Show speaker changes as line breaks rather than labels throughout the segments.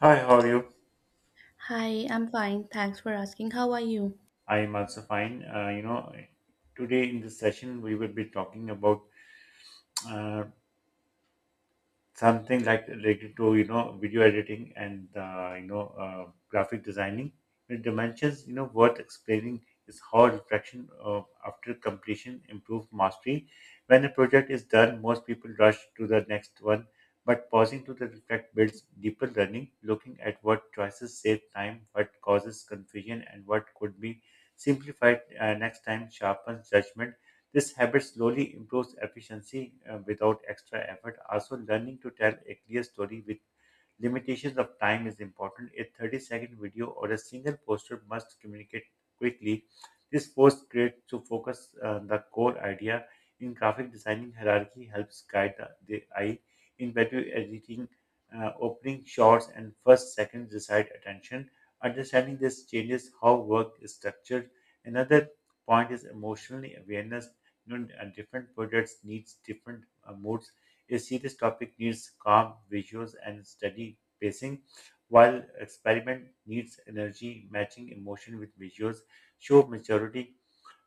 Hi, how are you?
Hi, I'm fine. Thanks for asking. How are you?
I am also fine. Today in this session we will be talking about uh, something like related to video editing and graphic designing. The dimensions worth explaining is how reflection after completion improve mastery. When a project is done, most people rush to the next one, but pausing to the reflect builds deeper learning, looking at what choices save time, what causes confusion, and what could be simplified next time sharpens judgment. This habit slowly improves efficiency without extra effort. Also, learning to tell a clear story with limitations of time is important. A 30-second video or a single poster must communicate quickly. This forced creators to focus the core idea. In graphic designing, hierarchy helps guide the eye. In video editing, opening shots and first seconds decide attention. Understanding this changes how work is structured. Another point is emotionally awareness. Different projects needs different moods. A serious topic needs calm visuals and steady pacing, while experiment needs energy matching emotion with visuals. Show maturity.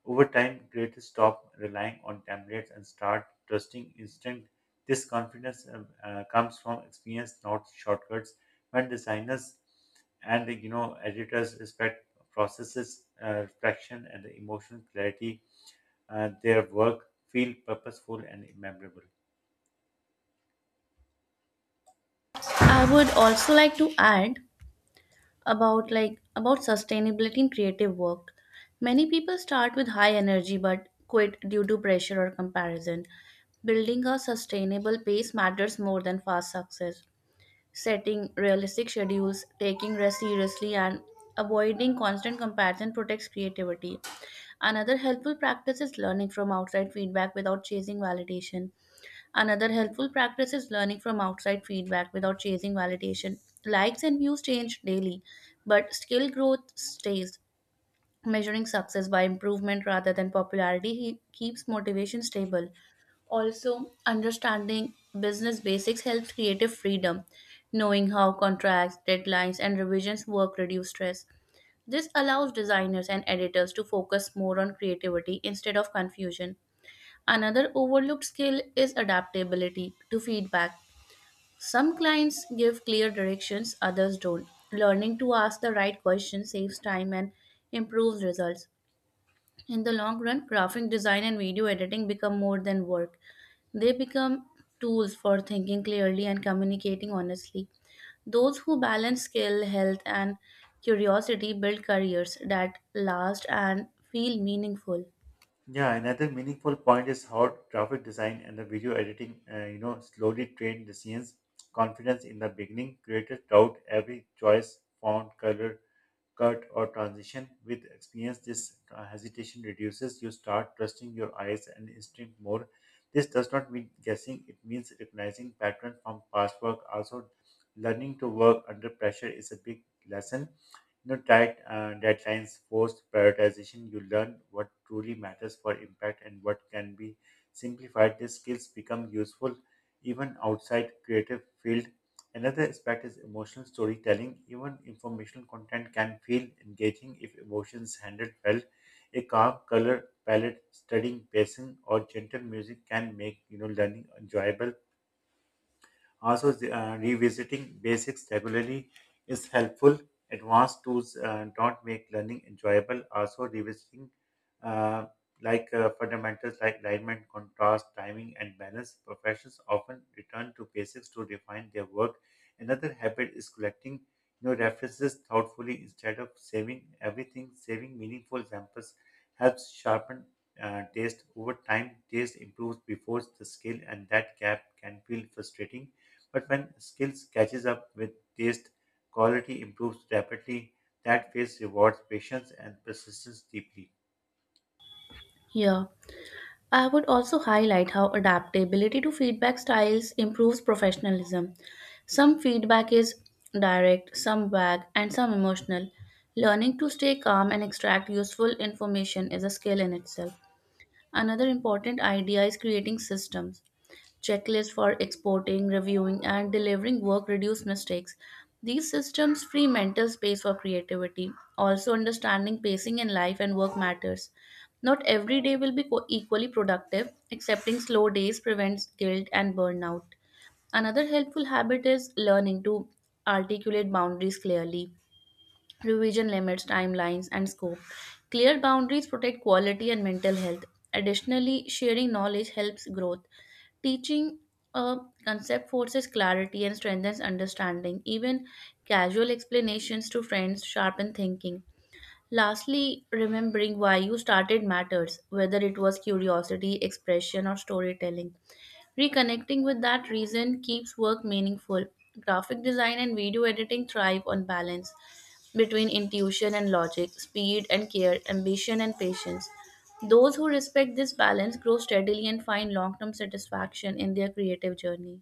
Over time, creators stop relying on templates and start trusting instinct. This confidence comes from experience, not shortcuts. When designers and editors respect processes, reflection, and the emotional clarity, their work feel purposeful and memorable.
I would also like to add about sustainability in creative work. Many people start with high energy but quit due to pressure or comparison. Building a sustainable pace matters more than fast success. Setting realistic schedules, taking rest seriously and avoiding constant comparison protects creativity. Another helpful practice is learning from outside feedback without chasing validation. Another helpful practice is learning from outside feedback without chasing validation. Likes and views change daily, but skill growth stays. Measuring success by improvement rather than popularity keeps motivation stable. Also, understanding business basics helps creative freedom. Knowing how contracts, deadlines, and revisions work reduce stress. This allows designers and editors to focus more on creativity instead of confusion. Another overlooked skill is adaptability to feedback. Some clients give clear directions, others don't. Learning to ask the right questions saves time and improves results. In the long run, graphic design and video editing become more than work. They become tools for thinking clearly and communicating honestly. Those who balance skill, health, and curiosity build careers that last and feel meaningful.
Yeah, another meaningful point is how graphic design and the video editing, slowly train the scenes. Confidence in the beginning, creators doubt every choice, font, color, cut, or transition. With experience, this hesitation reduces. You start trusting your eyes and instinct more. This does not mean guessing; it means recognizing patterns from past work. Also, learning to work under pressure is a big lesson. No tight deadlines force prioritization. You learn what truly matters for impact and what can be simplified. These skills become useful even outside creative field. Another aspect is emotional storytelling. Even informational content can feel engaging if emotions handled well. A calm color palette, studying pacing, or gentle music can make learning enjoyable. Also, revisiting basics regularly is helpful. Advanced tools don't make learning enjoyable. Also, revisiting uh, fundamentals like alignment, contrast, timing, and balance. Professionals often return to basics to refine their work. Another habit is collecting references thoughtfully instead of saving everything. Saving meaningful examples helps sharpen taste over time. Taste improves before the skill, and that gap can feel frustrating. But when skills catches up with taste, quality improves rapidly. That phase rewards patience and persistence deeply.
Yeah. I would also highlight how adaptability to feedback styles improves professionalism. Some feedback is direct, some vague, and some emotional. Learning to stay calm and extract useful information is a skill in itself. Another important idea is creating systems checklists for exporting, reviewing, and delivering work reduce mistakes. These systems free mental space for creativity. Also, understanding pacing in life and work matters. Not every day will be equally productive. Accepting slow days prevents guilt and burnout. Another helpful habit is learning to articulate boundaries clearly. Revision limits timelines and scope. Clear boundaries protect quality and mental health. Additionally, sharing knowledge helps growth. Teaching a concept forces clarity and strengthens understanding. Even casual explanations to friends sharpen thinking. Lastly, remembering why you started matters, whether it was curiosity, expression, or storytelling. Reconnecting with that reason keeps work meaningful. Graphic design and video editing thrive on balance between intuition and logic, speed and care, ambition and patience. Those who respect this balance grow steadily and find long term satisfaction in their creative journey.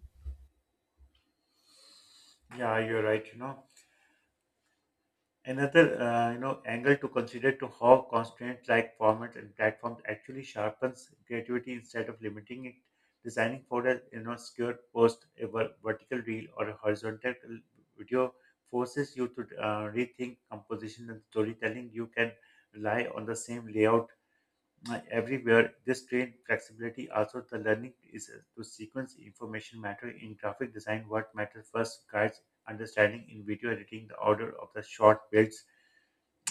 Yeah, you're right. Another angle to consider to how constraints like formats and platforms actually sharpens creativity instead of limiting it. Designing for a secure post, a vertical reel, or a horizontal video forces you to rethink composition and storytelling. You can rely on the same layout everywhere. This trained flexibility also the learning is to sequence information matter in graphic design. What matters first guides understanding in video editing, the order of the short builds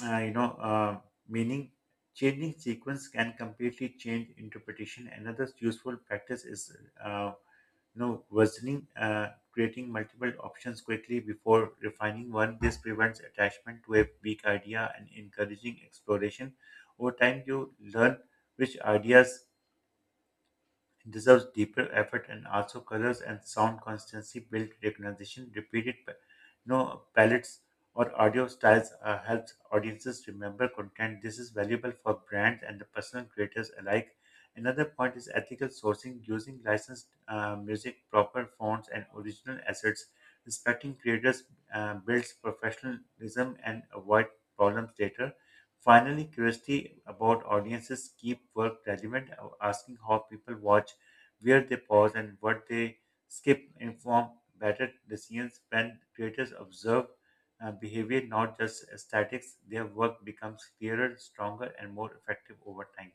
Uh, you know, uh, meaning. Changing sequence can completely change interpretation. Another useful practice is uh, versioning, creating multiple options quickly before refining one. This prevents attachment to a weak idea and encouraging exploration. Over time, you learn which ideas it deserves deeper effort. And also colors and sound constancy build recognition. Palettes or audio styles helps audiences remember content. This is valuable for brands and the personal creators alike. Another point is ethical sourcing, using licensed music, proper fonts, and original assets. Respecting creators builds professionalism and avoid problems later. Finally, curiosity about audiences keep work relevant, asking how people watch, where they pause, and what they skip inform better decisions. When creators observe behavior, not just statics, their work becomes clearer, stronger, and more effective over time.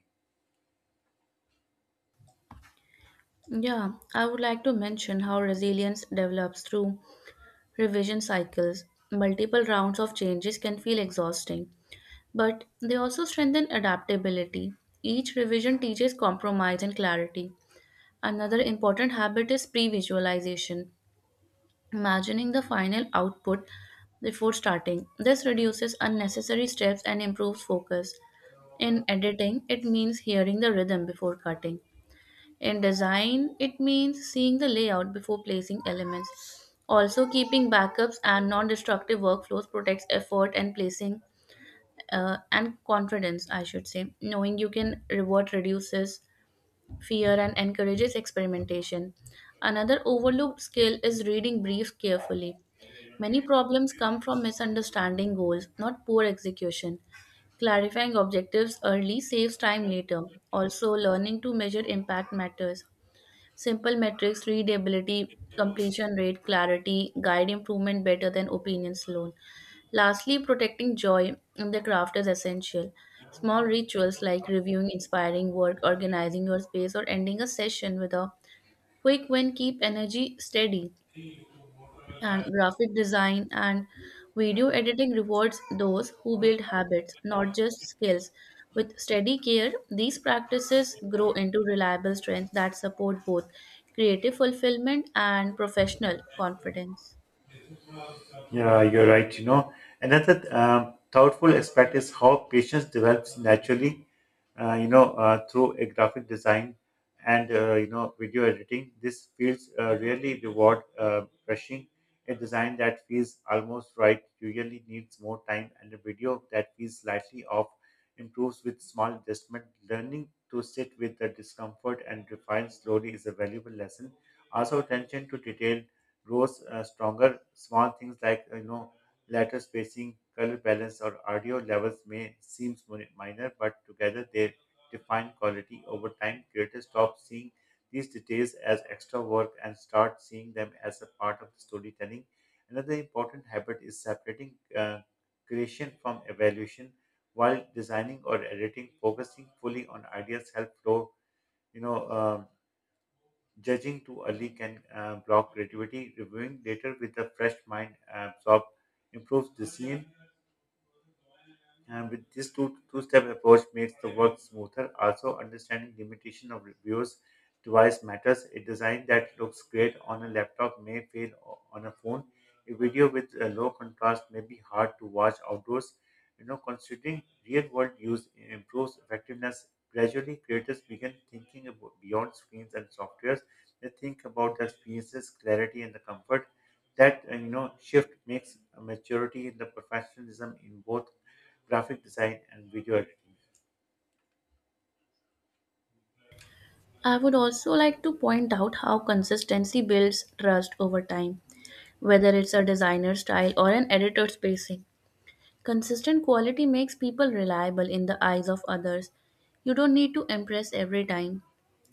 Yeah, I would like to mention how resilience develops through revision cycles, multiple rounds of changes can feel exhausting, but they also strengthen adaptability. Each revision teaches compromise and clarity. Another important habit is pre visualization, imagining the final output before starting. This reduces unnecessary steps and improves focus. In editing, it means hearing the rhythm before cutting. In design, it means seeing the layout before placing elements. Also, keeping backups and non-destructive workflows protects effort and placing and confidence, I should say. Knowing you can revert reduces fear and encourages experimentation. Another overlooked skill is reading briefs carefully. Many problems come from misunderstanding goals, not poor execution. Clarifying objectives early saves time later. Also, learning to measure impact matters. Simple metrics, readability, completion rate, clarity guide improvement better than opinions alone. Lastly, protecting joy in the craft is essential. Small rituals like reviewing inspiring work, organizing your space, or ending a session with a quick win keep energy steady and graphic design and video editing rewards those who build habits, not just skills. With steady care, these practices grow into reliable strengths that support both creative fulfillment and professional confidence.
Yeah, you're right, Another um, thoughtful aspect is how patience develops naturally, through a graphic design and, video editing. This feels really reward rushing. A design that feels almost right usually needs more time, and a video that feels slightly off improves with small adjustment. Learning to sit with the discomfort and refine slowly is a valuable lesson. Also, attention to detail grows stronger. Small things like letter spacing, color balance, or audio levels may seem minor, but together they define quality. Over time, creators stop seeing these details as extra work and start seeing them as a part of the storytelling. Another important habit is separating creation from evaluation while designing or editing. Focusing fully on ideas help flow, you know. Um, judging too early can block creativity. Reviewing later with a fresh mind absorb improves decision. And with this two step approach makes the work smoother. Also, understanding limitation of reviews device matters. A design that looks great on a laptop may fail on a phone. A video with a low contrast may be hard to watch outdoors. Considering real-world use improves effectiveness. Gradually, creators begin thinking about beyond screens and softwares. They think about the experiences, clarity, and the comfort. That shift makes a maturity in the professionalism in both graphic design and video editing.
I would also like to point out how consistency builds trust over time, whether it's a designer style or an editor spacing. Consistent quality makes people reliable in the eyes of others. You don't need to impress every time.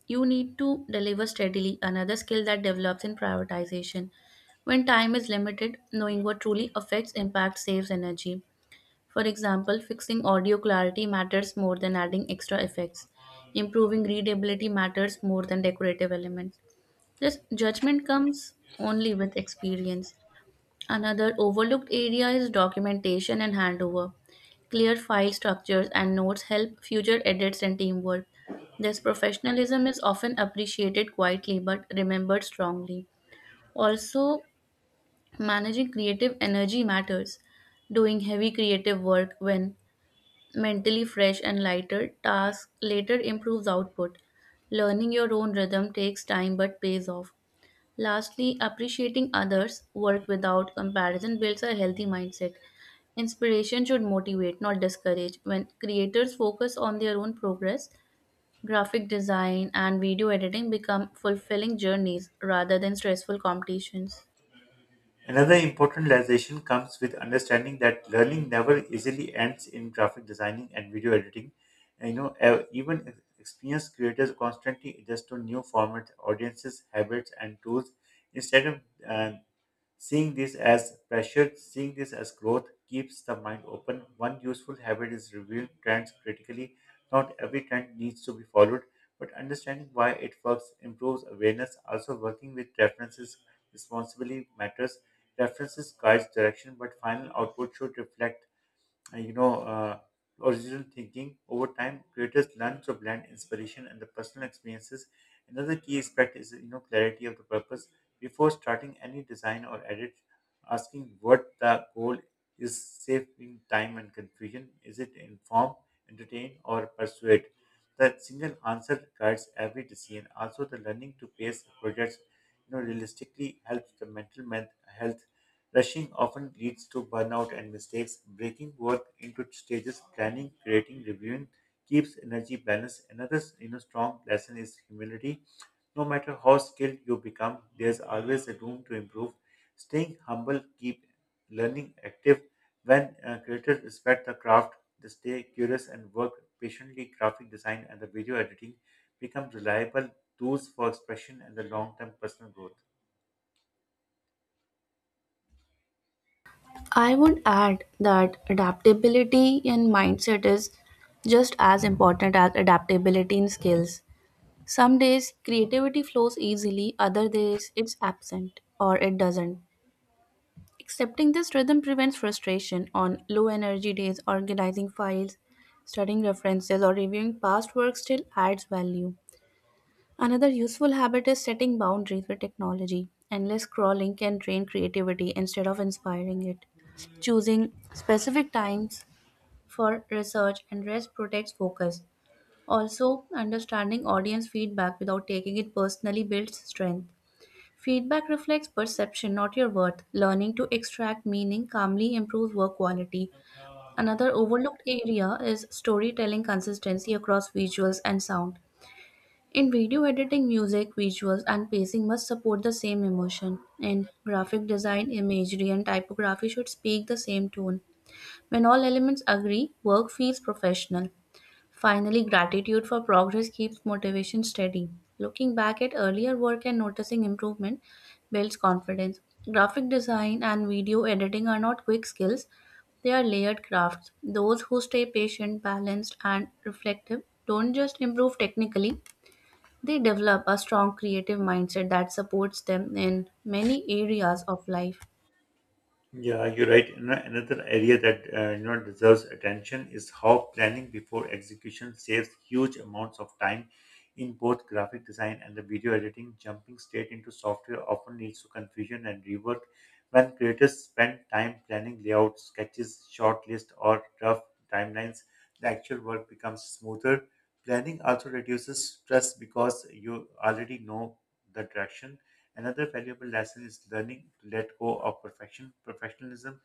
You need to deliver steadily, another skill that develops in prioritization. When time is limited, knowing what truly affects impact saves energy. For example, fixing audio clarity matters more than adding extra effects. Improving readability matters more than decorative elements. This judgment comes only with experience. Another overlooked area is documentation and handover. Clear file structures and notes help future edits and teamwork. This professionalism is often appreciated quietly but remembered strongly. Also, managing creative energy matters. Doing heavy creative work when mentally fresh and lighter tasks later improves output. Learning your own rhythm takes time but pays off. Lastly, appreciating others' work without comparison builds a healthy mindset. Inspiration should motivate, not discourage. When creators focus on their own progress, graphic design and video editing become fulfilling journeys rather than stressful competitions.
Another important realization comes with understanding that learning never easily ends in graphic designing and video editing. And, even experienced creators constantly adjust to new formats, audiences, habits, and tools instead of uh, seeing this as pressure. Seeing this as growth keeps the mind open. One useful habit is reviewing trends critically. Not every trend needs to be followed, but understanding why it works improves awareness. Also, working with references responsibly matters. References guides direction, but final output should reflect uh, you know, uh, original thinking. Over time, creators learn to blend inspiration and the personal experiences. Another key aspect is clarity of the purpose. Before starting any design or edit, asking what the goal is saving time and confusion. Is it inform, entertain, or persuade? The single answer guides every decision. Also, the learning to pace projects, realistically helps the mental health. Rushing often leads to burnout and mistakes. Breaking work into stages, planning, creating, reviewing keeps energy balanced. Another, strong lesson is humility. No matter how skilled you become, there's always a room to improve. Staying humble, keep learning active. When creators respect the craft, they stay curious and work patiently. Graphic design and the video editing become reliable tools for expression and the long-term personal growth.
I would add that adaptability in mindset is just as important as adaptability in skills. Some days creativity flows easily, other days it's absent or it doesn't. Accepting this rhythm prevents frustration on low energy days, organizing files, studying references, or reviewing past work still adds value. Another useful habit is setting boundaries with technology. Endless scrolling can drain creativity instead of inspiring it. Choosing specific times for research and rest protects focus. Also, understanding audience feedback without taking it personally builds strength. Feedback reflects perception, not your worth. Learning to extract meaning calmly improves work quality. Another overlooked area is storytelling consistency across visuals and sound. In video editing, music, visuals, and pacing must support the same emotion. In graphic design, imagery, and typography should speak the same tone. When all elements agree, work feels professional. Finally, gratitude for progress keeps motivation steady. Looking back at earlier work and noticing improvement builds confidence. Graphic design and video editing are not quick skills, they are layered crafts. Those who stay patient, balanced, and reflective don't just improve technically, they develop a strong creative mindset that supports them in many areas of life.
Yeah, you're right. Another area that deserves attention is how planning before execution saves huge amounts of time in both graphic design and the video editing. Jumping straight into software often leads to confusion and rework. When creators spend time planning layouts, sketches, shortlist, or rough timelines, the actual work becomes smoother. Planning also reduces stress because you already know the direction. Another valuable lesson is learning to let go of perfection. Professionalism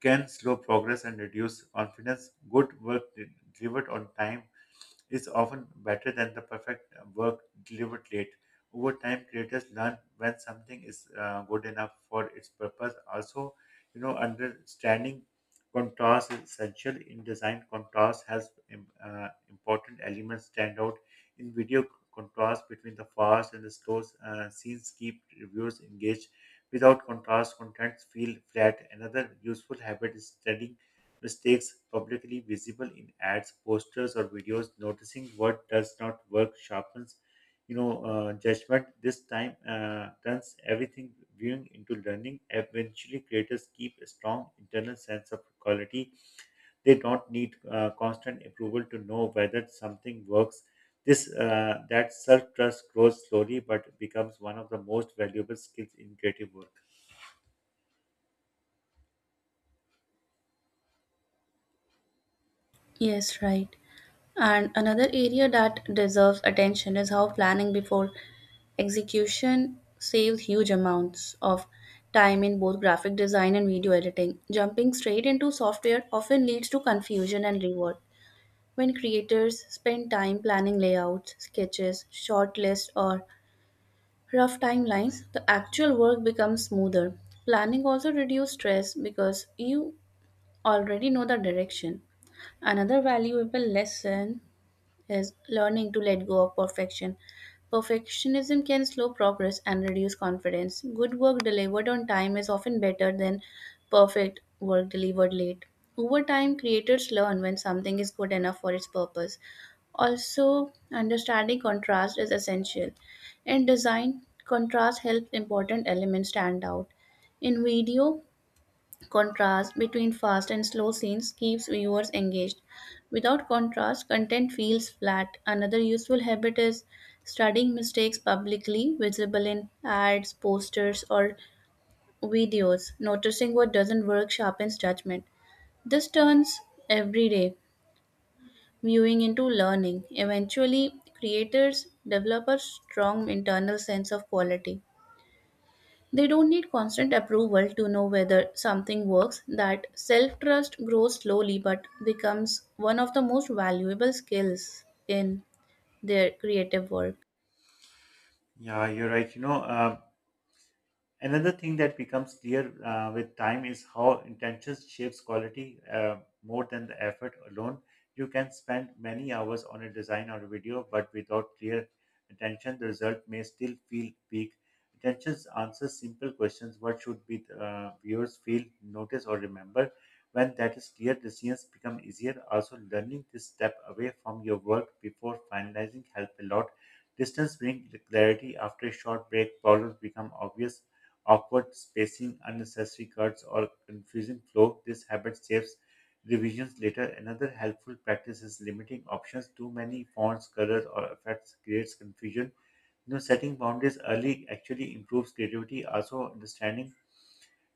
can slow progress and reduce confidence. Good work delivered on time is often better than the perfect work delivered late. Over time, creators learn when something is good enough for its purpose. Also, understanding contrast is essential in design. Contrast has important elements stand out in video. Contrast between the fast and the slow scenes keep reviewers engaged. Without contrast, contents feel flat. Another useful habit is studying mistakes publicly visible in ads, posters, or videos. Noticing what does not work sharpens, judgment. This time turns everything viewing into learning. Eventually, creators keep a strong internal sense of quality. They don't need constant approval to know whether something works. This that self trust grows slowly, but becomes one of the most valuable skills in creative work.
Yes, right. And another area that deserves attention is how planning before execution saves huge amounts of time in both graphic design and video editing. Jumping straight into software often leads to confusion and rework. When creators spend time planning layouts, sketches, short lists, or rough timelines, the actual work becomes smoother. Planning also reduces stress because you already know the direction. Another valuable lesson is learning to let go of perfection. Perfectionism can slow progress and reduce confidence. Good work delivered on time is often better than perfect work delivered late. Over time, creators learn when something is good enough for its purpose. Also, understanding contrast is essential. In design, contrast helps important elements stand out. In video, contrast between fast and slow scenes keeps viewers engaged. Without contrast, content feels flat. Another useful habit is studying mistakes publicly, visible in ads, posters, or videos. Noticing what doesn't work sharpens judgment. This turns everyday viewing into learning. Eventually, creators develop a strong internal sense of quality. They don't need constant approval to know whether something works. That self trust grows slowly but becomes one of the most valuable skills in their creative work.
Yeah, you're right. Another thing that becomes clear with time is how intentions shapes quality more than the effort alone. You can spend many hours on a design or a video, but without clear attention, the result may still feel weak. Attentions answers simple questions: what should be viewers feel, notice, or remember. When that is clear, decisions become easier. Also, learning this step away from your work before finalizing help a lot. Distance brings clarity. After a short break, problems become obvious, awkward spacing, unnecessary cuts, or confusing flow. This habit saves revisions later. Another helpful practice is limiting options. Too many fonts, colors, or effects creates confusion. Setting boundaries early actually improves creativity. Also, understanding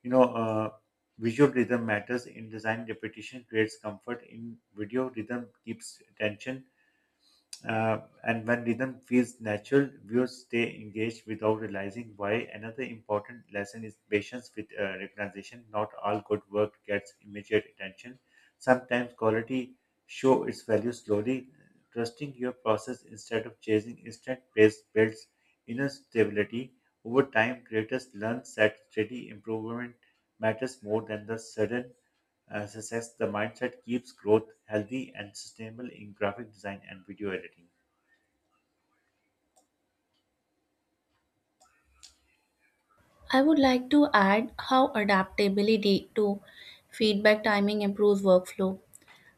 you know uh, visual rhythm matters in design. Repetition creates comfort in video. Rhythm keeps attention, and when rhythm feels natural, viewers stay engaged without realizing why. Another important lesson is patience with recognition. Not all good work gets immediate attention. Sometimes quality show its value slowly. Trusting your process instead of chasing instant praise builds inner stability. Over time, creators learn that steady improvement matters more than the sudden success. The mindset keeps growth healthy and sustainable in graphic design and video editing.
I would like to add how adaptability to feedback timing improves workflow.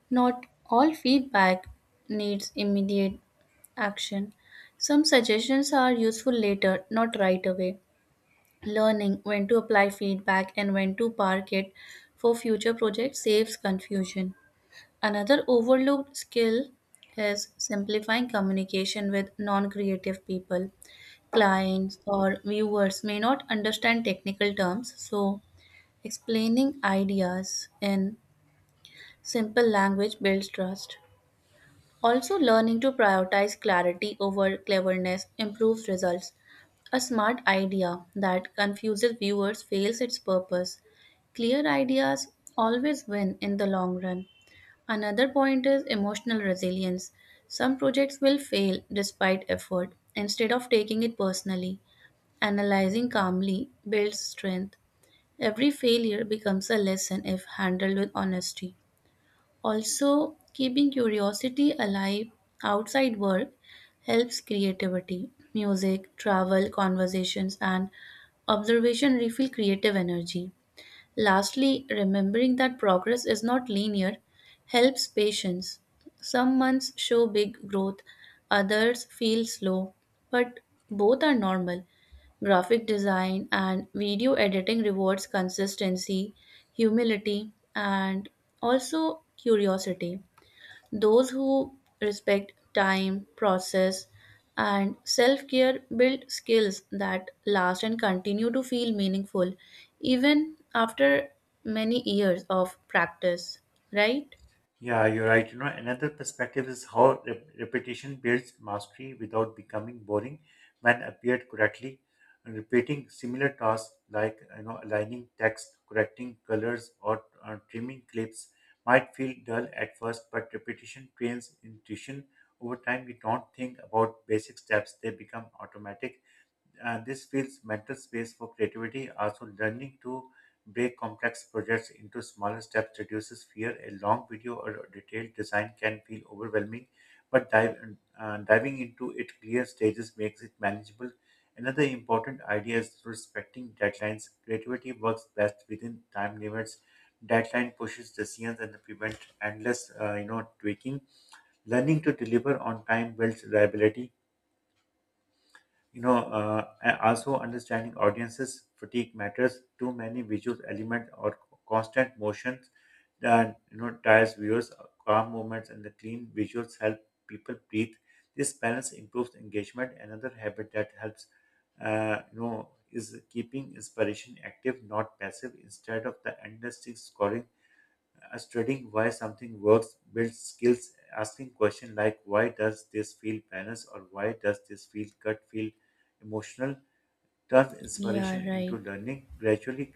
Not all feedback needs immediate action. Some suggestions are useful later, not right away. Learning when to apply feedback and when to park it for future projects saves confusion. Another overlooked skill is simplifying communication with non creative people. Clients or viewers may not understand technical terms, so explaining ideas in simple language builds trust. Also, learning to prioritize clarity over cleverness improves results. A smart idea that confuses viewers fails its purpose. Clear ideas always win in the long run. Another point is emotional resilience. Some projects will fail despite effort. Instead of taking it personally, analyzing calmly builds strength. Every failure becomes a lesson if handled with honesty. Also, keeping curiosity alive outside work helps creativity. Music, travel, conversations, and observation refill creative energy. Lastly, remembering that progress is not linear helps patience. Some months show big growth, others feel slow, but both are normal. Graphic design and video editing rewards consistency, humility, and also curiosity. Those who respect time, process, and self care build skills that last and continue to feel meaningful even after many years of practice, right?
Yeah, you're right. Another perspective is how repetition builds mastery without becoming boring when appeared correctly. Repeating similar tasks like aligning text, correcting colors, or trimming clips might feel dull at first, but repetition trains intuition. Over time, you don't think about basic steps; they become automatic. This feels mental space for creativity. Also, learning to break complex projects into smaller steps reduces fear. A long video or a detailed design can feel overwhelming, but diving into it clear stages makes it manageable. Another important idea is respecting deadlines. Creativity works best within time limits. Deadline pushes decisions and prevent endless, tweaking. Learning to deliver on time builds reliability. Also understanding audiences fatigue matters. Too many visual elements or constant motions that you know tires viewers. Calm movements and the clean visuals help people breathe. This balance improves engagement. Another habit that helps, is keeping inspiration active, not passive. Instead of the endless thing scrolling, studying why something works builds skills. Asking questions like why does this feel balanced or why does this feel cut feel emotional turns
Yeah,
inspiration
right.
into learning, gradually.